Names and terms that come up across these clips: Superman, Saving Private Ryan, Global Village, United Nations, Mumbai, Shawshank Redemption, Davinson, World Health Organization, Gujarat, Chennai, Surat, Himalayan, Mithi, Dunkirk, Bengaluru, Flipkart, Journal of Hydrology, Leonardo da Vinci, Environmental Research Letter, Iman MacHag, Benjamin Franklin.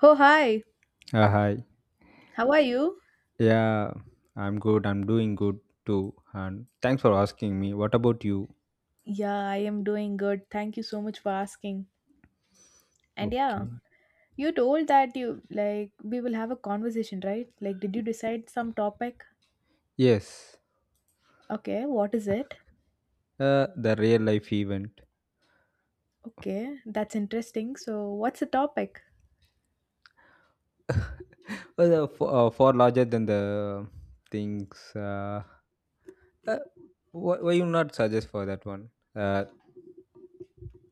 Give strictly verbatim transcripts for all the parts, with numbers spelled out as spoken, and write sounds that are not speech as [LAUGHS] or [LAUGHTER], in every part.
Oh, hi. Uh, hi. How are you? Yeah, I'm good. I'm doing good too. And thanks for asking me. What about you? Yeah, I am doing good. Thank you so much for asking. And yeah, Okay. you told that you like we will have a conversation, right? Like, did you decide some topic? Yes. Okay, what is it? Uh, the real life event. Okay, that's interesting. So, what's the topic? [LAUGHS] well, uh, for, uh, far larger than the things. Uh, uh, why, why you not suggest for that one? Uh,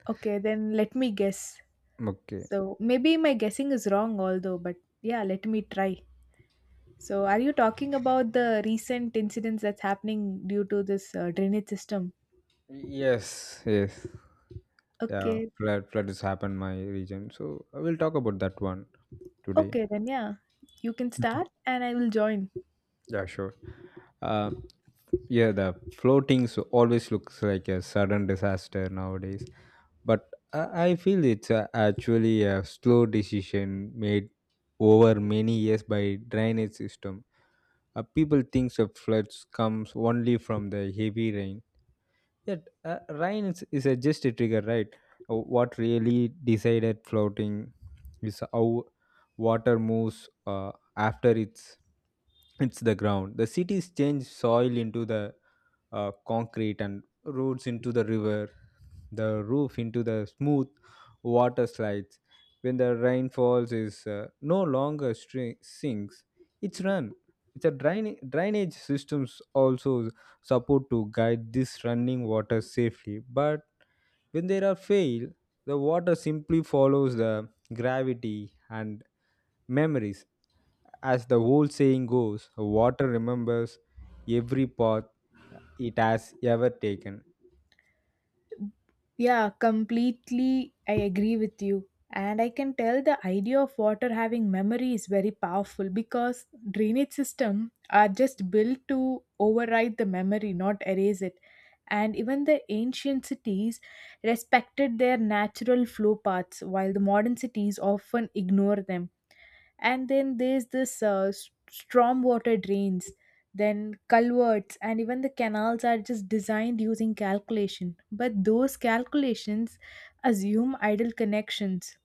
Okay, then let me guess. Okay. So, maybe my guessing is wrong, although, but yeah, let me try. So, are you talking about the recent incidents that's happening due to this uh, drainage system? Yes. Yes. Yeah. Okay, Flood. Flood has happened my region. So I will talk about that one today. okay, then yeah, you can start and I will join. Yeah, sure. Uh, yeah, the floatings always looks like a sudden disaster nowadays, but I, I feel it's uh, actually a slow decision made over many years by drainage system. Uh, people thinks of floods comes only from the heavy rain, yet, uh, rain is, is a just a trigger, right? Uh, What really decided floating is how water moves uh, after it's it's the ground. The cities change soil into the uh, concrete and roads into the river, the roof into the smooth water slides. When the rain falls, is uh, no longer stri- sinks; it's run it's a drain, drainage systems also support to guide this running water safely, but when there are fail the water simply follows the gravity and memories, as the old saying goes, water remembers every path it has ever taken. Yeah, completely. I agree with you. And I can tell the idea of water having memory is very powerful because drainage system are just built to override the memory, not erase it. And even the ancient cities respected their natural flow paths, while the modern cities often ignore them. And then there's this uh, s- storm water drains, then culverts, and even the canals are just designed using calculation, but those calculations assume idle connections.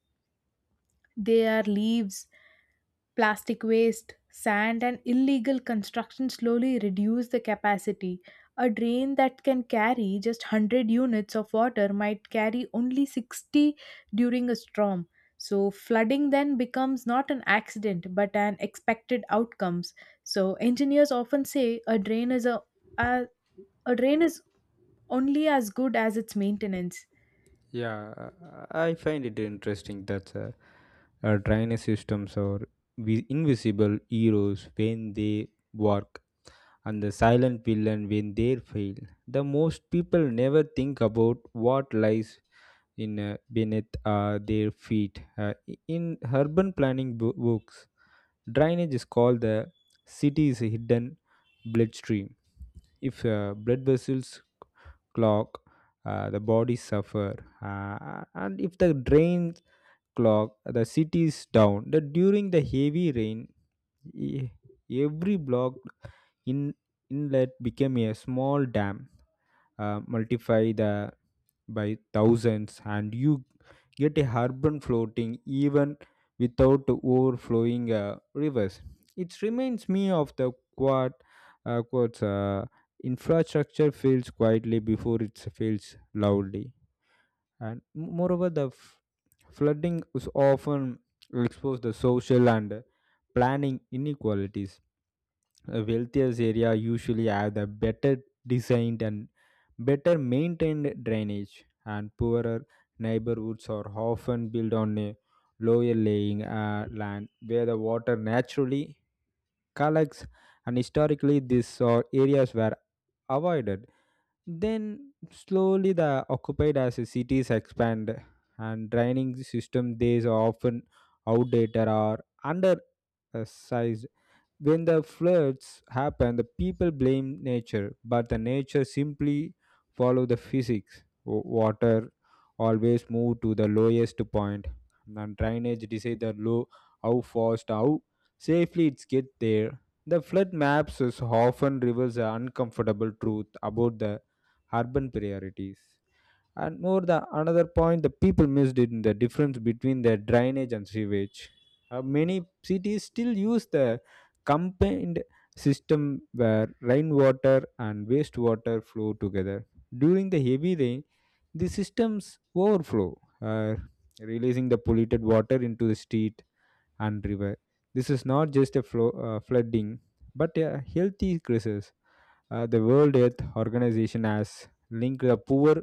They are leaves. Plastic waste, sand, and illegal construction slowly reduce the capacity. A drain that can carry just one hundred units of water might carry only sixty during a storm. So, flooding then becomes not an accident but an expected outcomes. So, engineers often say a drain is a, a, a drain is only as good as its maintenance. Yeah, I I find it interesting that uh, uh, drainage systems are vi- invisible heroes when they work and the silent villain when they fail. The most people never think about what lies in, uh, beneath uh, their feet. Uh, i- in urban planning bo- books, drainage is called the city's hidden bloodstream. If, uh, blood vessels clog, uh, the bodies suffer, uh, and if the drain clog the city is down the during the heavy rain, e- every blocked in inlet became a small dam, uh, multiply the by thousands and you get a urban floating even without overflowing uh, rivers. It reminds me of the quad uh, quotes, uh, infrastructure fails quietly before it fails loudly. And m- moreover, the f- flooding is often expose the social and uh, planning inequalities. The wealthiest area usually have the better designed and better maintained drainage, and poorer neighborhoods are often built on a lower laying uh, land where the water naturally collects, and historically these are areas were avoided, then slowly the occupied as the cities expand, and draining system they are often outdated or undersized. When the floods happen, the people blame nature, but the nature simply follow the physics. W- Water always move to the lowest point, and drainage decide the low how fast, how safely it's get there. The flood maps is often reveals an uncomfortable truth about the urban priorities, and more the another point the people missed it in the difference between the drainage and sewage. Uh, many cities still use the combined system where rainwater and wastewater flow together. During the heavy rain the systems overflow, uh, releasing the polluted water into the street and river. This is not just a flo- uh, flooding, but a healthy crisis. Uh, the World Health Organization has linked the poor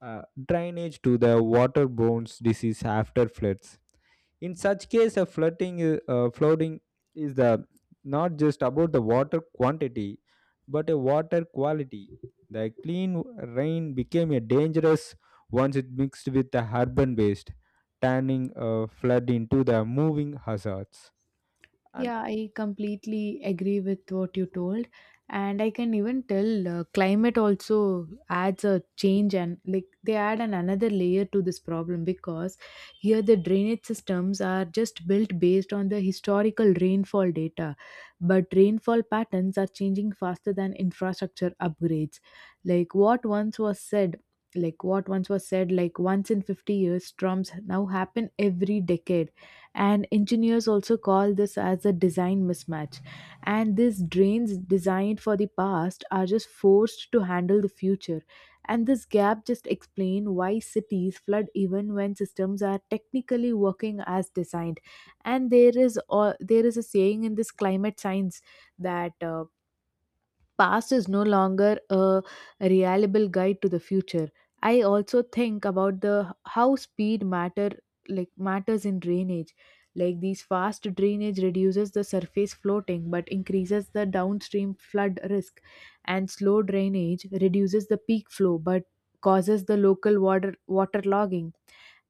uh, drainage to the waterborne disease after floods. In such case, a flooding, i- uh, flooding is the not just about the water quantity, but a water quality. The clean rain became a dangerous once it mixed with the urban waste, turning a flood into the moving hazards. And Yeah, I completely agree with what you told. And I can even tell, uh, climate also adds a change, and like they add an another layer to this problem because here the drainage systems are just built based on the historical rainfall data. But rainfall patterns are changing faster than infrastructure upgrades. Like what once was said, like what once was said, like once in fifty years, storms now happen every decade, and engineers also call this as a design mismatch, and these drains designed for the past are just forced to handle the future, and this gap just explain why cities flood even when systems are technically working as designed. And there is all there is a saying in this climate science that uh, past is no longer a reliable guide to the future. I also think about the how speed matter like matters in drainage, like these fast drainage reduces the surface floating but increases the downstream flood risk, and slow drainage reduces the peak flow but causes the local water water logging.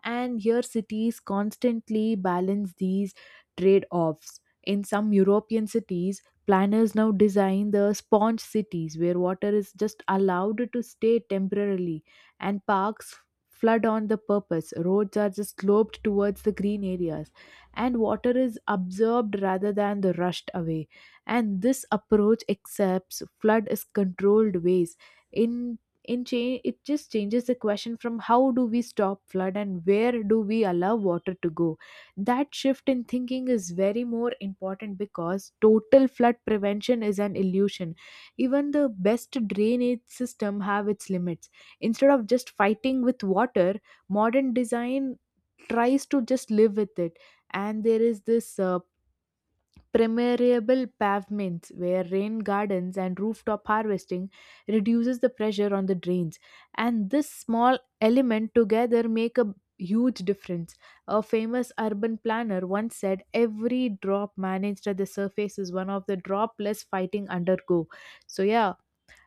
And here cities constantly balance these trade offs. In some European cities, planners now design the sponge cities where water is just allowed to stay temporarily, and parks flood on the purpose. Roads are just sloped towards the green areas, and water is absorbed rather than the rushed away. And this approach accepts flood as controlled ways. In in change It just changes the question from how do we stop flood and where do we allow water to go. That shift in thinking is very more important because total flood prevention is an illusion. Even the best drainage system have its limits. Instead of just fighting with water, modern design tries to just live with it. And there is this uh, permeable pavements where rain gardens and rooftop harvesting reduces the pressure on the drains, and this small element together make a huge difference. A famous urban planner once said, every drop managed at the surface is one of the drop less fighting undergo. So yeah,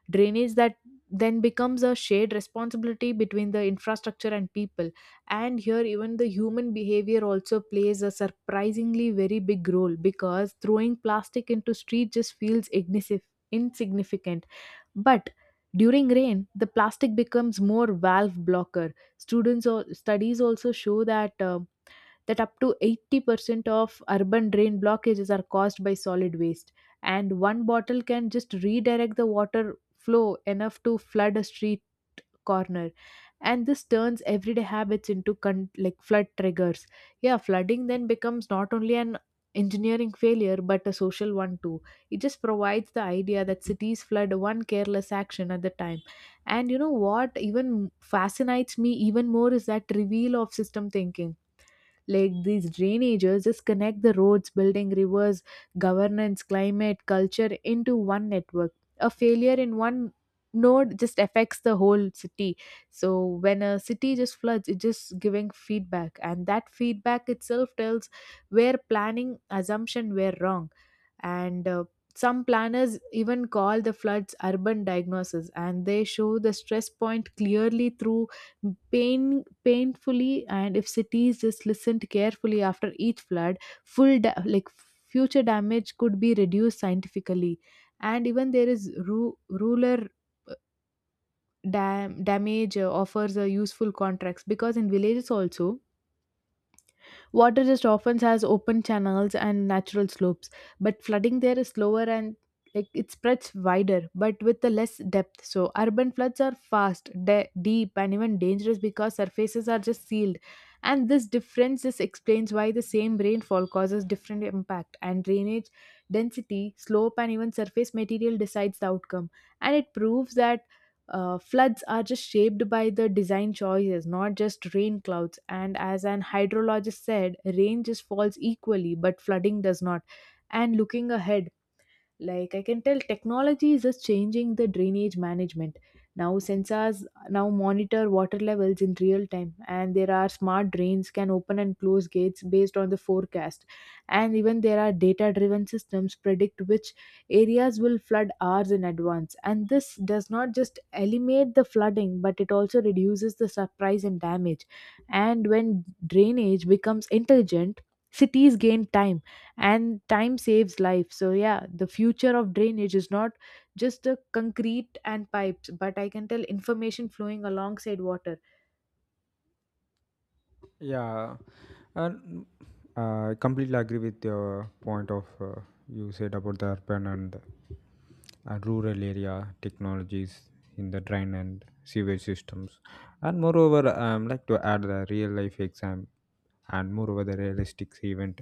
drainage that then becomes a shared responsibility between the infrastructure and people. And here even the human behavior also plays a surprisingly very big role because throwing plastic into street just feels ignis- insignificant, but during rain the plastic becomes more valve blocker. Students or studies also show that uh, that up to eighty percent of urban drain blockages are caused by solid waste, and one bottle can just redirect the water flow enough to flood a street corner. And this turns everyday habits into con- like flood triggers. Yeah, flooding then becomes not only an engineering failure but a social one too. It just provides the idea that cities flood one careless action at the time. And you know what, even fascinates me even more is that reveal of system thinking, like these drainages just connect the roads, building, rivers, governance, climate, culture into one network. A failure in one node just affects the whole city. So when a city just floods, it's just giving feedback, and that feedback itself tells where planning assumption were wrong. And uh, some planners even call the floods urban diagnosis, and they show the stress point clearly through pain painfully. And if cities just listened carefully after each flood, full da- like future damage could be reduced scientifically. And even there is ru- ruler dam- damage uh, offers a useful contracts because in villages also water just often has open channels and natural slopes, but flooding there is slower, and like it spreads wider, but with the less depth. So urban floods are fast, de- deep, and even dangerous because surfaces are just sealed. And this difference just explains why the same rainfall causes different impact. And drainage density, slope, and even surface material decides the outcome. And it proves that uh, floods are just shaped by the design choices, not just rain clouds. And as an hydrologist said, rain just falls equally, but flooding does not. And looking ahead, like I can tell technology is just changing the drainage management. Now sensors now monitor water levels in real time, and there are smart drains can open and close gates based on the forecast, and even there are data driven systems predict which areas will flood hours in advance, and this does not just eliminate the flooding, but it also reduces the surprise and damage. And when drainage becomes intelligent, cities gain time, and time saves life. So yeah, the future of drainage is not just the concrete and pipes, but I can tell information flowing alongside water. yeah, and uh, I completely agree with your point of, uh, you said about the urban and, uh, rural area technologies in the drain and sewage systems. And moreover, um, like to add the real life exam, and moreover the realistic event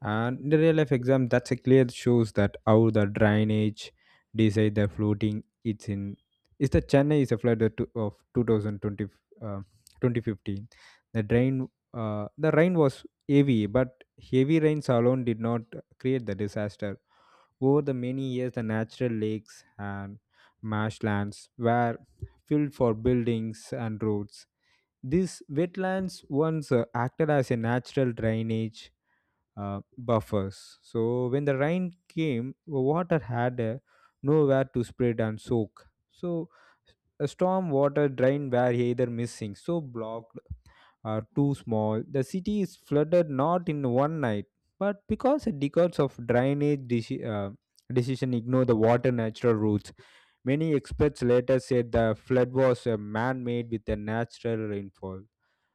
and the real life exam that's a clear shows that how the drainage decide the floating it's in is the Chennai is a flood of two- of twenty twenty, uh, twenty fifteen. The drain, uh, the rain was heavy, but heavy rains alone did not create the disaster. Over the many years, the natural lakes and marshlands were filled for buildings and roads. These wetlands once uh, acted as a natural drainage uh, buffers. So when the rain came, the water had uh, nowhere to spread and soak. So a storm water drain were either missing, so blocked are too small, the city is flooded not in one night, but because decades of drainage deci- uh, decision ignore the water natural routes. Many experts later said the flood was uh, man-made with a natural rainfall.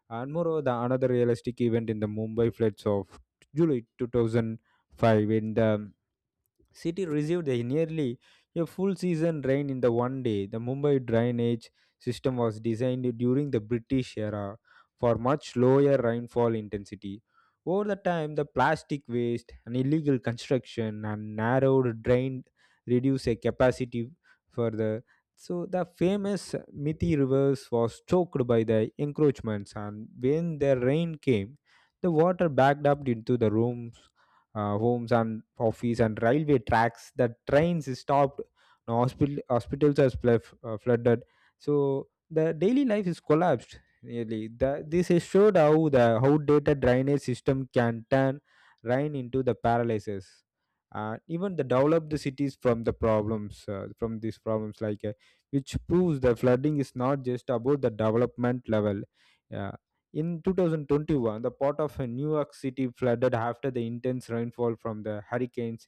And moreover, the another realistic event in the Mumbai floods of July two thousand five when the City received a nearly a full season rain in the one day. The Mumbai drainage system was designed during the British era for much lower rainfall intensity. Over the time, the plastic waste and illegal construction and narrowed drain reduced a capacity further. So the famous Mithi rivers was choked by the encroachments, and when the rain came, the water backed up into the rooms, uh, homes and office and railway tracks, the trains is stopped, no hospital hospitals are splef- uh, flooded, so the daily life is collapsed nearly. The, this is showed how the outdated drainage system can turn rain into the paralysis, uh, even the developed cities from the problems, uh, from these problems like, uh, which proves the flooding is not just about the development level. Yeah, in twenty twenty-one, the part of, uh, New York City flooded after the intense rainfall from the hurricanes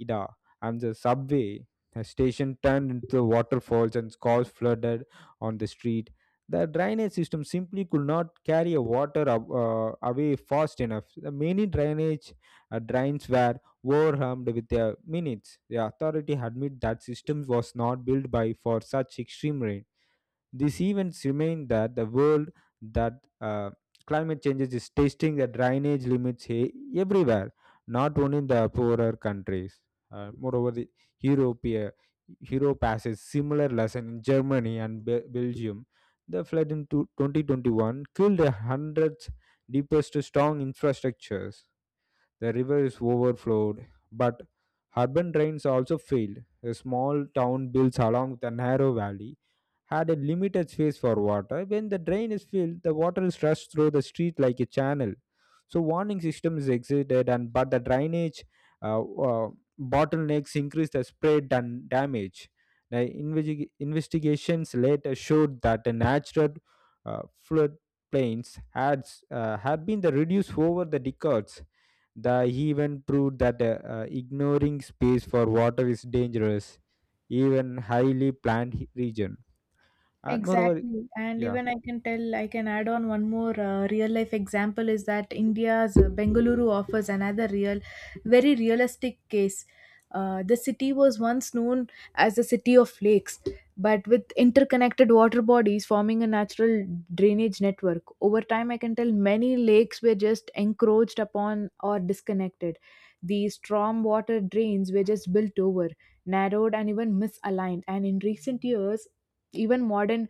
Ida, and the subway uh, station turned into waterfalls and cars flooded on the street. The drainage system simply could not carry water ab- uh, away fast enough. The many drainage uh, drains were overwhelmed with their minutes. The authority admit that system was not built by for such extreme rain. These events remain that the world that, uh, climate changes is testing the drainage limits he- everywhere, not only in the poorer countries. Uh, moreover, the Europe, uh, Europe passes similar lesson in Germany and Be- Belgium. The flood in two- twenty twenty-one killed hundreds, deepest to strong infrastructures. The river is overflowed, but urban drains also failed. A small town built along the narrow valley had a limited space for water. When the drain is filled, the water is rushed through the street like a channel. So warning systems existed, and but the drainage uh, uh, bottlenecks increased the spread and damage. The investi- investigations later showed that the natural uh, flood plains had, uh, had been the reduced over the decades. The he even proved that, uh, uh, ignoring space for water is dangerous, even highly planned he- region. And moreover, Exactly. And yeah, even I can tell, I can add on one more uh, real life example is that India's uh, Bengaluru offers another real, very realistic case. Uh, the city was once known as the city of lakes, but with interconnected water bodies forming a natural drainage network. Over time, I can tell many lakes were just encroached upon or disconnected. These storm water drains were just built over, narrowed, and even misaligned. And in recent years, even modern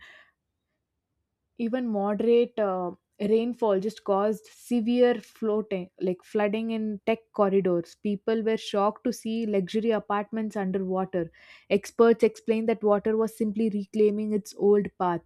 even moderate uh, rainfall just caused severe floating like flooding in tech corridors. People were shocked to see luxury apartments underwater. Experts explained that water was simply reclaiming its old path,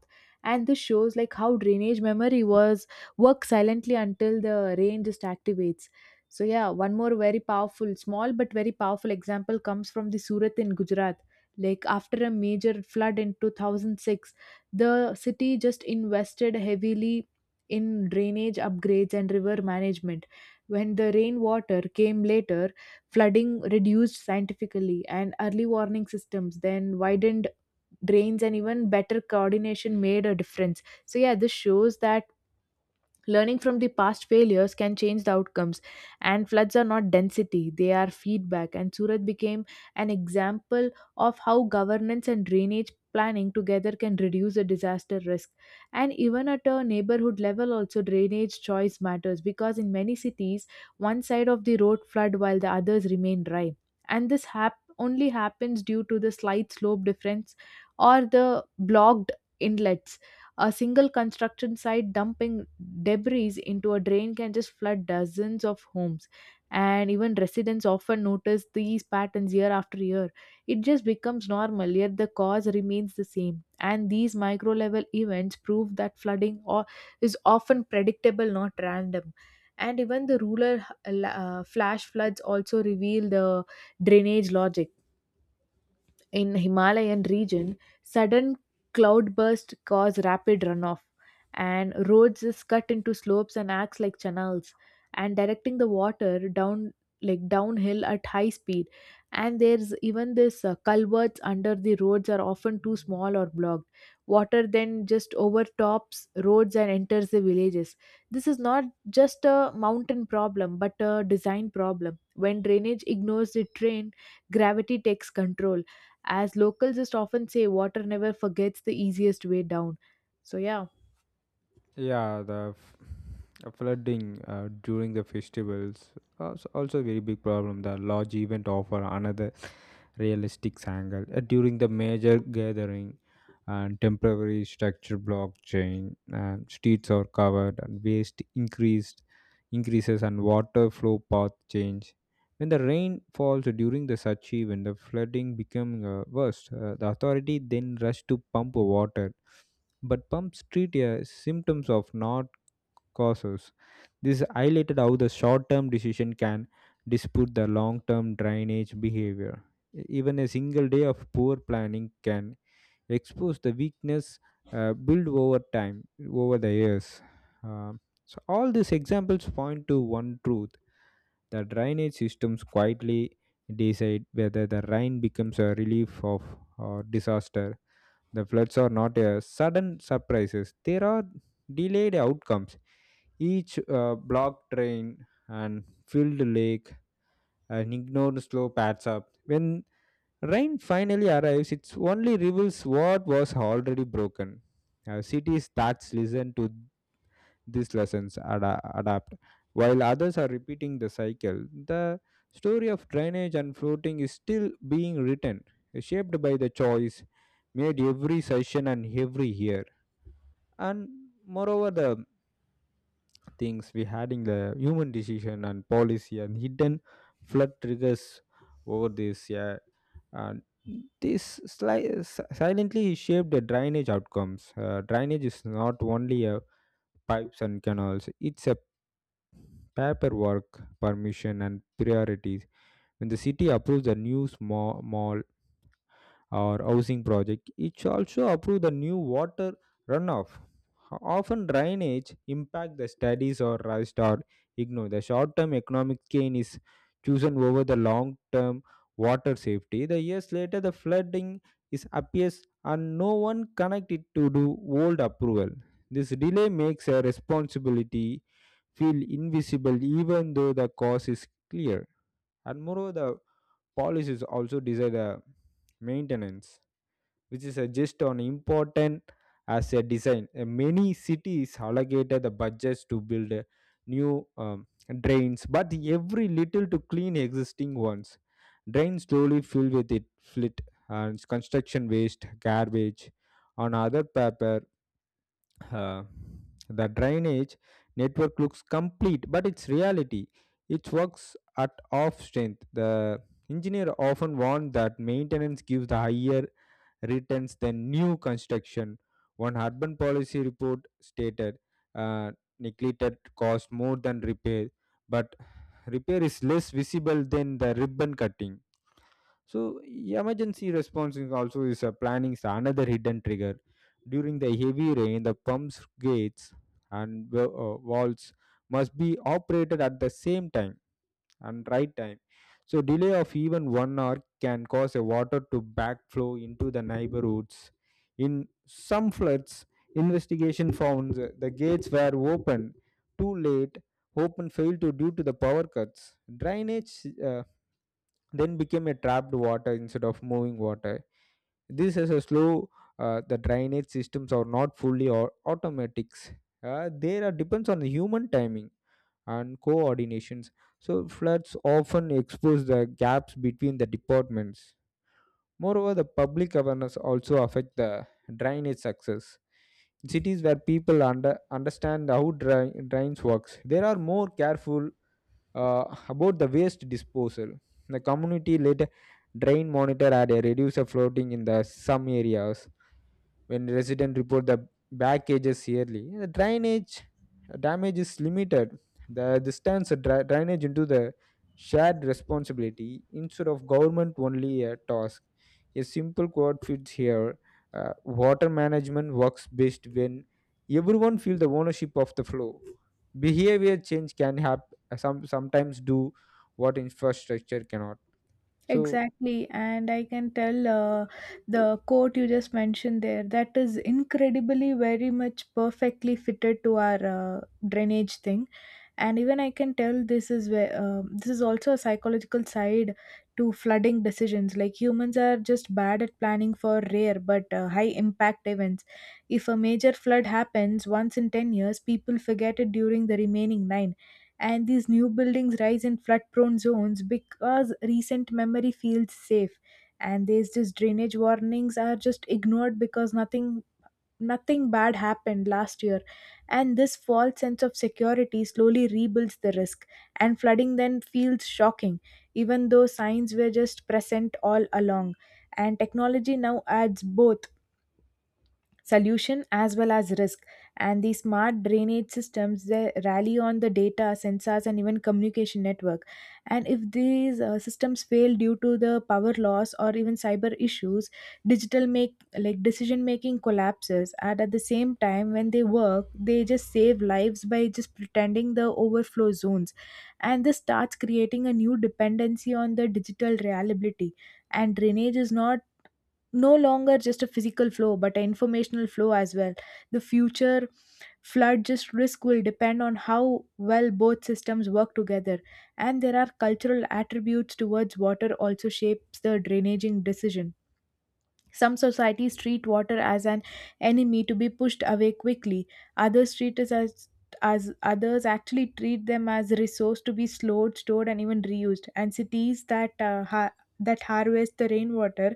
and this shows like how drainage memory was work silently until the rain just activates. So yeah, one more very powerful, small but very powerful example comes from the Surat in Gujarat, like after a major flood in two thousand six the city just invested heavily in drainage upgrades and river management. When the rainwater came later, flooding reduced scientifically, and early warning systems then widened drains, and even better coordination made a difference. So, yeah, this shows that learning from the past failures can change the outcomes, and floods are not density, they are feedback. And Surat became an example of how governance and drainage planning together can reduce a disaster risk. And even at a neighborhood level, also drainage choice matters because in many cities, one side of the road flood while the others remain dry. And this hap- only happens due to the slight slope difference or the blocked inlets. A single construction site dumping debris into a drain can just flood dozens of homes. And even residents often notice these patterns year after year. It just becomes normal, yet the cause remains the same. And these micro level events prove that flooding or is often predictable, not random. And even the rural uh, flash floods also reveal the drainage logic. In Himalayan region, sudden cloudbursts cause rapid runoff, and roads is cut into slopes and acts like channels, and directing the water down like downhill at high speed. And there's even this uh, culverts under the roads are often too small or blocked. Water then just overtops roads and enters the villages. This is not just a mountain problem, but a design problem. When drainage ignores the train, gravity takes control. As locals just often say, water never forgets the easiest way down. So, yeah. yeah, the f- uh, flooding uh, during the festivals also also a very big problem. The large event offer another realistic angle uh, during the major gathering and temporary structure blockchain and streets are covered and waste increased increases and water flow path change when the rain falls during the such event the flooding become uh, worse. Uh, the authority then rush to pump water, but pumps treat uh, symptoms of not causes. This highlighted how the short term decision can dispute the long term drainage behavior. E- Even a single day of poor planning can expose the weakness uh, built over time, over the years. Um, so, all these examples point to one truth: the drainage systems quietly decide whether the rain becomes a relief of or disaster. The floods are not a sudden surprises. There are delayed outcomes. Each uh, blocked drain and filled lake and ignored slope adds up. When rain finally arrives, it only reveals what was already broken. Uh, cities that listen to these lessons ada- adapt, while others are repeating the cycle. The story of drainage and floating is still being written, shaped by the choice made every session and every year, and moreover the things we had in the human decision and policy and hidden flood triggers over this, yeah, and this sli- s- silently shaped the drainage outcomes. Uh, drainage is not only a pipes and canals, it's a paperwork, permission, and priorities. When the city approves a new small mall or housing project, it also approves the new water runoff. Often drainage impact the studies or rust or ignore. The short-term economic gain is chosen over the long-term water safety. The years later, the flooding is appears and no one connected to do old approval. This delay makes a responsibility feel invisible even though the cause is clear. And moreover, the policies also design the maintenance, which is a just on important as a design. Uh, Many cities allocated the budgets to build uh, new, um, drains, but every little to clean existing ones. Drains slowly filled with it, flit and construction waste, garbage, and other paper, uh, the drainage network looks complete, but it's reality. It works at off strength. The engineer often warned that maintenance gives the higher returns than new construction. One urban policy report stated, uh, neglected cost more than repair, but repair is less visible than the ribbon cutting. So emergency response is also is a planning is another hidden trigger. During the heavy rain, the pumps, gates, and wa- uh, valves must be operated at the same time and right time. So delay of even one hour can cause a water to backflow into the neighborhoods. In some floods, investigation found that the gates were open too late, open failed to due to the power cuts. Drainage, uh, then became a trapped water instead of moving water. This is a slow. Uh, the drainage systems are not fully or automatics. Uh, they are depends on the human timing and coordinations. So floods often expose the gaps between the departments. Moreover, the public awareness also affect the drainage success. In cities where people under, understand how dra- drains works, they are more careful uh, about the waste disposal, the community led drain monitor had a reducer floating in the some areas. When residents report the back cages yearly, the drainage damage is limited. The this turns the dra- drainage into the shared responsibility instead of government only a task. A simple quote fits here. Uh, water management works best when everyone feel the ownership of the flow. Behavior change can have some sometimes do what infrastructure cannot. So Exactly, and I can tell, uh, the quote you just mentioned there, that is incredibly very much perfectly fitted to our uh, drainage thing. And even I can tell this is where um this is also a psychological side to flooding decisions. Like humans are just bad at planning for rare but uh, high impact events. If a major flood happens once in ten years, people forget it during the remaining nine, and these new buildings rise in flood prone zones because recent memory feels safe, and these just drainage warnings are just ignored because nothing nothing bad happened last year, and this false sense of security slowly rebuilds the risk, and flooding then feels shocking even though signs were just present all along. And technology now adds both solution as well as risk, and the smart drainage systems they rally on the data sensors and even communication network. And if these uh, systems fail due to the power loss or even cyber issues, digital make like decision making collapses, and at the same time when they work they just save lives by just pretending the overflow zones. And this starts creating a new dependency on the digital reliability, and drainage is not no longer just a physical flow but an informational flow as well. The future flood just risk will depend on how well both systems work together. And there are cultural attributes towards water also shapes the drainaging decision. Some societies treat water as an enemy to be pushed away quickly. Others treat it as as others actually treat them as a resource to be slowed, stored, and even reused. And cities that uh, ha- that harvest the rainwater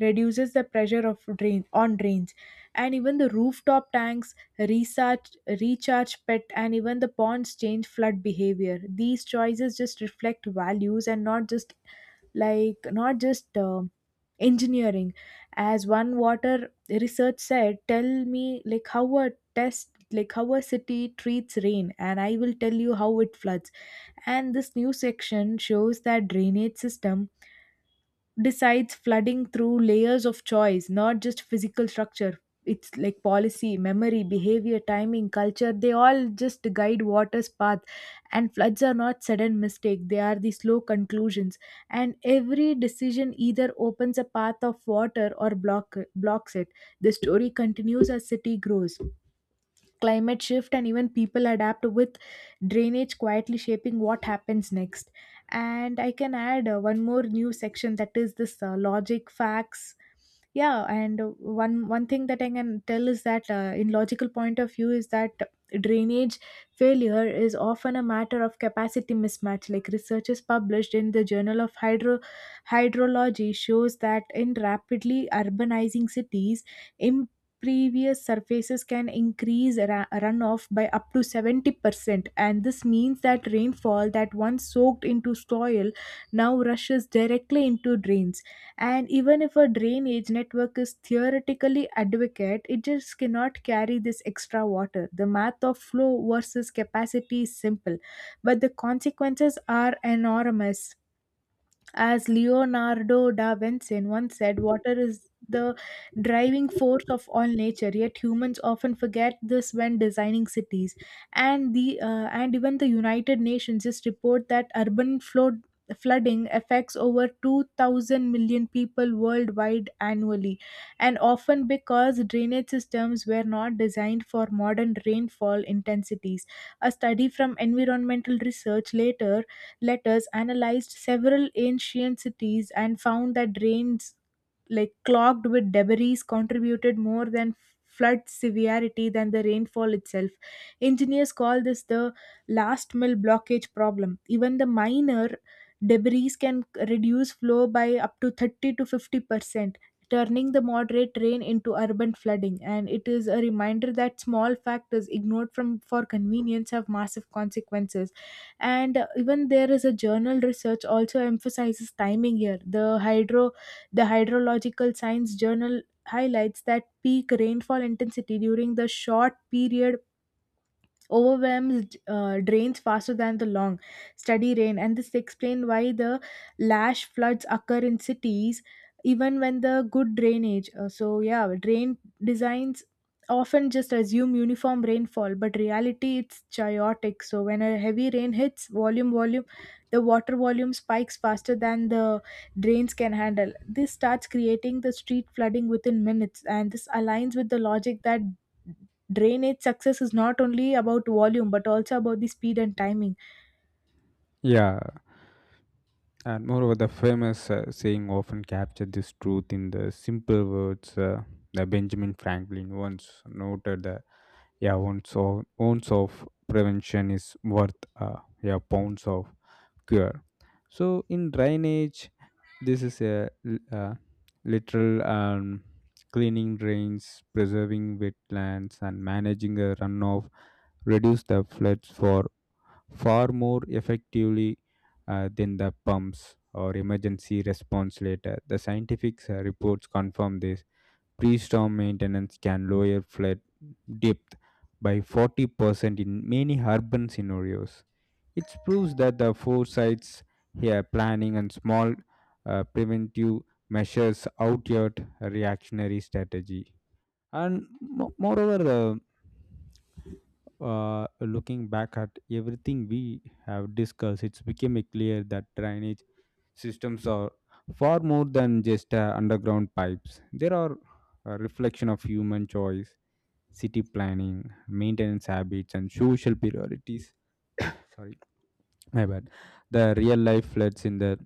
reduces the pressure of drain on drains, and even the rooftop tanks recharge recharge pet, and even the ponds change flood behavior. These choices just reflect values and not just like not just um engineering. As one water research said, tell me like how a test like how a city treats rain and I will tell you how it floods. And this new section shows that drainage system decides flooding through layers of choice, not just physical structure. It's like policy, memory, behavior, timing, culture. They all just guide water's path. And floods are not sudden mistake. They are the slow conclusions. And every decision either opens a path of water or block blocks it. The story continues as city grows, climate shift, and even people adapt with drainage quietly shaping what happens next. And I can add uh, one more new section that is this uh, logic facts. Yeah, and uh, one one thing that I can tell is that uh, in logical point of view is that drainage failure is often a matter of capacity mismatch, like researchers published in the journal of hydro hydrology shows that in rapidly urbanizing cities previous surfaces can increase ra- runoff by up to seventy percent, and this means that rainfall that once soaked into soil now rushes directly into drains. And even if a drainage network is theoretically adequate, it just cannot carry this extra water. The math of flow versus capacity is simple, but the consequences are enormous. As Leonardo da Vinci once said, water is the driving force of all nature, yet humans often forget this when designing cities. And the uh, and even the United Nations just report that urban flood flooding affects over two thousand million million people worldwide annually, and often because drainage systems were not designed for modern rainfall intensities. A study from environmental research later letters analyzed several ancient cities and found that drains like clogged with debris contributed more than flood severity than the rainfall itself. Engineers call this the last mile blockage problem. Even the minor debris can reduce flow by up to thirty to fifty percent, turning the moderate rain into urban flooding, and it is a reminder that small factors ignored from for convenience have massive consequences. And uh, even there is a journal research also emphasizes timing here. The hydro the hydrological science journal highlights that peak rainfall intensity during the short period overwhelms uh, drains faster than the long, steady rain. And this explains why the lash floods occur in cities even when the good drainage. Uh, so yeah, drain designs often just assume uniform rainfall, but reality it's chaotic. So when a heavy rain hits, volume volume the water volume spikes faster than the drains can handle. This starts creating the street flooding within minutes, and this aligns with the logic that drainage success is not only about volume but also about the speed and timing. yeah, and moreover, the famous uh, saying often captured this truth in the simple words. Uh, that Benjamin Franklin once noted that yeah, ounce of, ounce of prevention is worth uh, yeah pounds of cure. So in drainage, this is a l- uh, literal, um, cleaning drains, preserving wetlands, and managing a runoff, reduce the floods for far more effectively uh, than the pumps or emergency response later. The scientific uh, reports confirm this. Pre storm maintenance can lower flood depth by forty percent in many urban scenarios. It proves that the foresights here, planning, and small uh, preventive measures outyard a reactionary strategy. And mo- moreover, uh, uh, looking back at everything we have discussed, it's became clear that drainage systems are far more than just uh, underground pipes. They are a reflection of human choice, city planning, maintenance habits, and social priorities. Sorry, my bad. The real life floods in the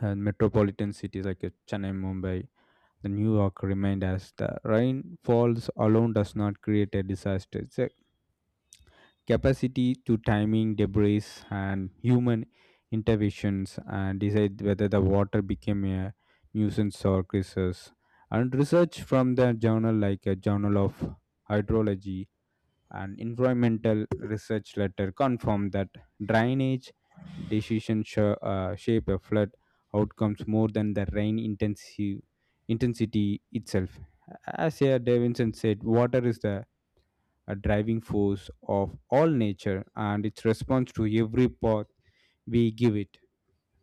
uh, metropolitan cities like, uh, Chennai, Mumbai, the New York remind us that rain falls alone does not create a disaster. Capacity to timing debris and human interventions and decide whether the water became a nuisance or crisis. And research from the journal like a Journal of Hydrology and Environmental Research Letter confirm that drainage decisions sh- uh, shape a flood outcomes more than the rain intensive intensity itself. As, uh, Davinson said, water is the a driving force of all nature and its response to every path we give it,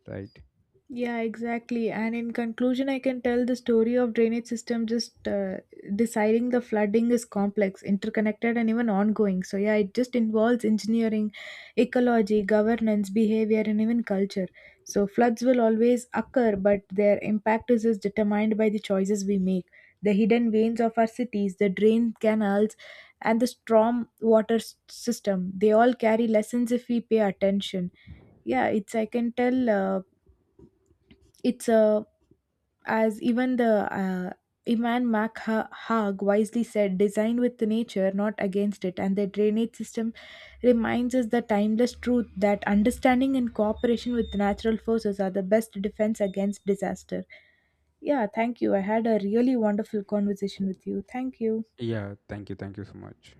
right? Yeah, exactly. And in conclusion, I can tell the story of drainage system just uh, deciding the flooding is complex, interconnected, and even ongoing. So yeah, it just involves engineering, ecology, governance, behavior, and even culture. So floods will always occur, but their impact is just determined by the choices we make. The hidden veins of our cities, the drain canals, and the storm water s- system—they all carry lessons if we pay attention. Yeah, it's I can tell uh, it's a, as even the uh, Iman MacHag wisely said, designed with nature, not against it. And the drainage system reminds us the timeless truth that understanding and cooperation with natural forces are the best defense against disaster. Yeah, thank you. I had a really wonderful conversation with you. Thank you. Yeah, thank you, thank you so much.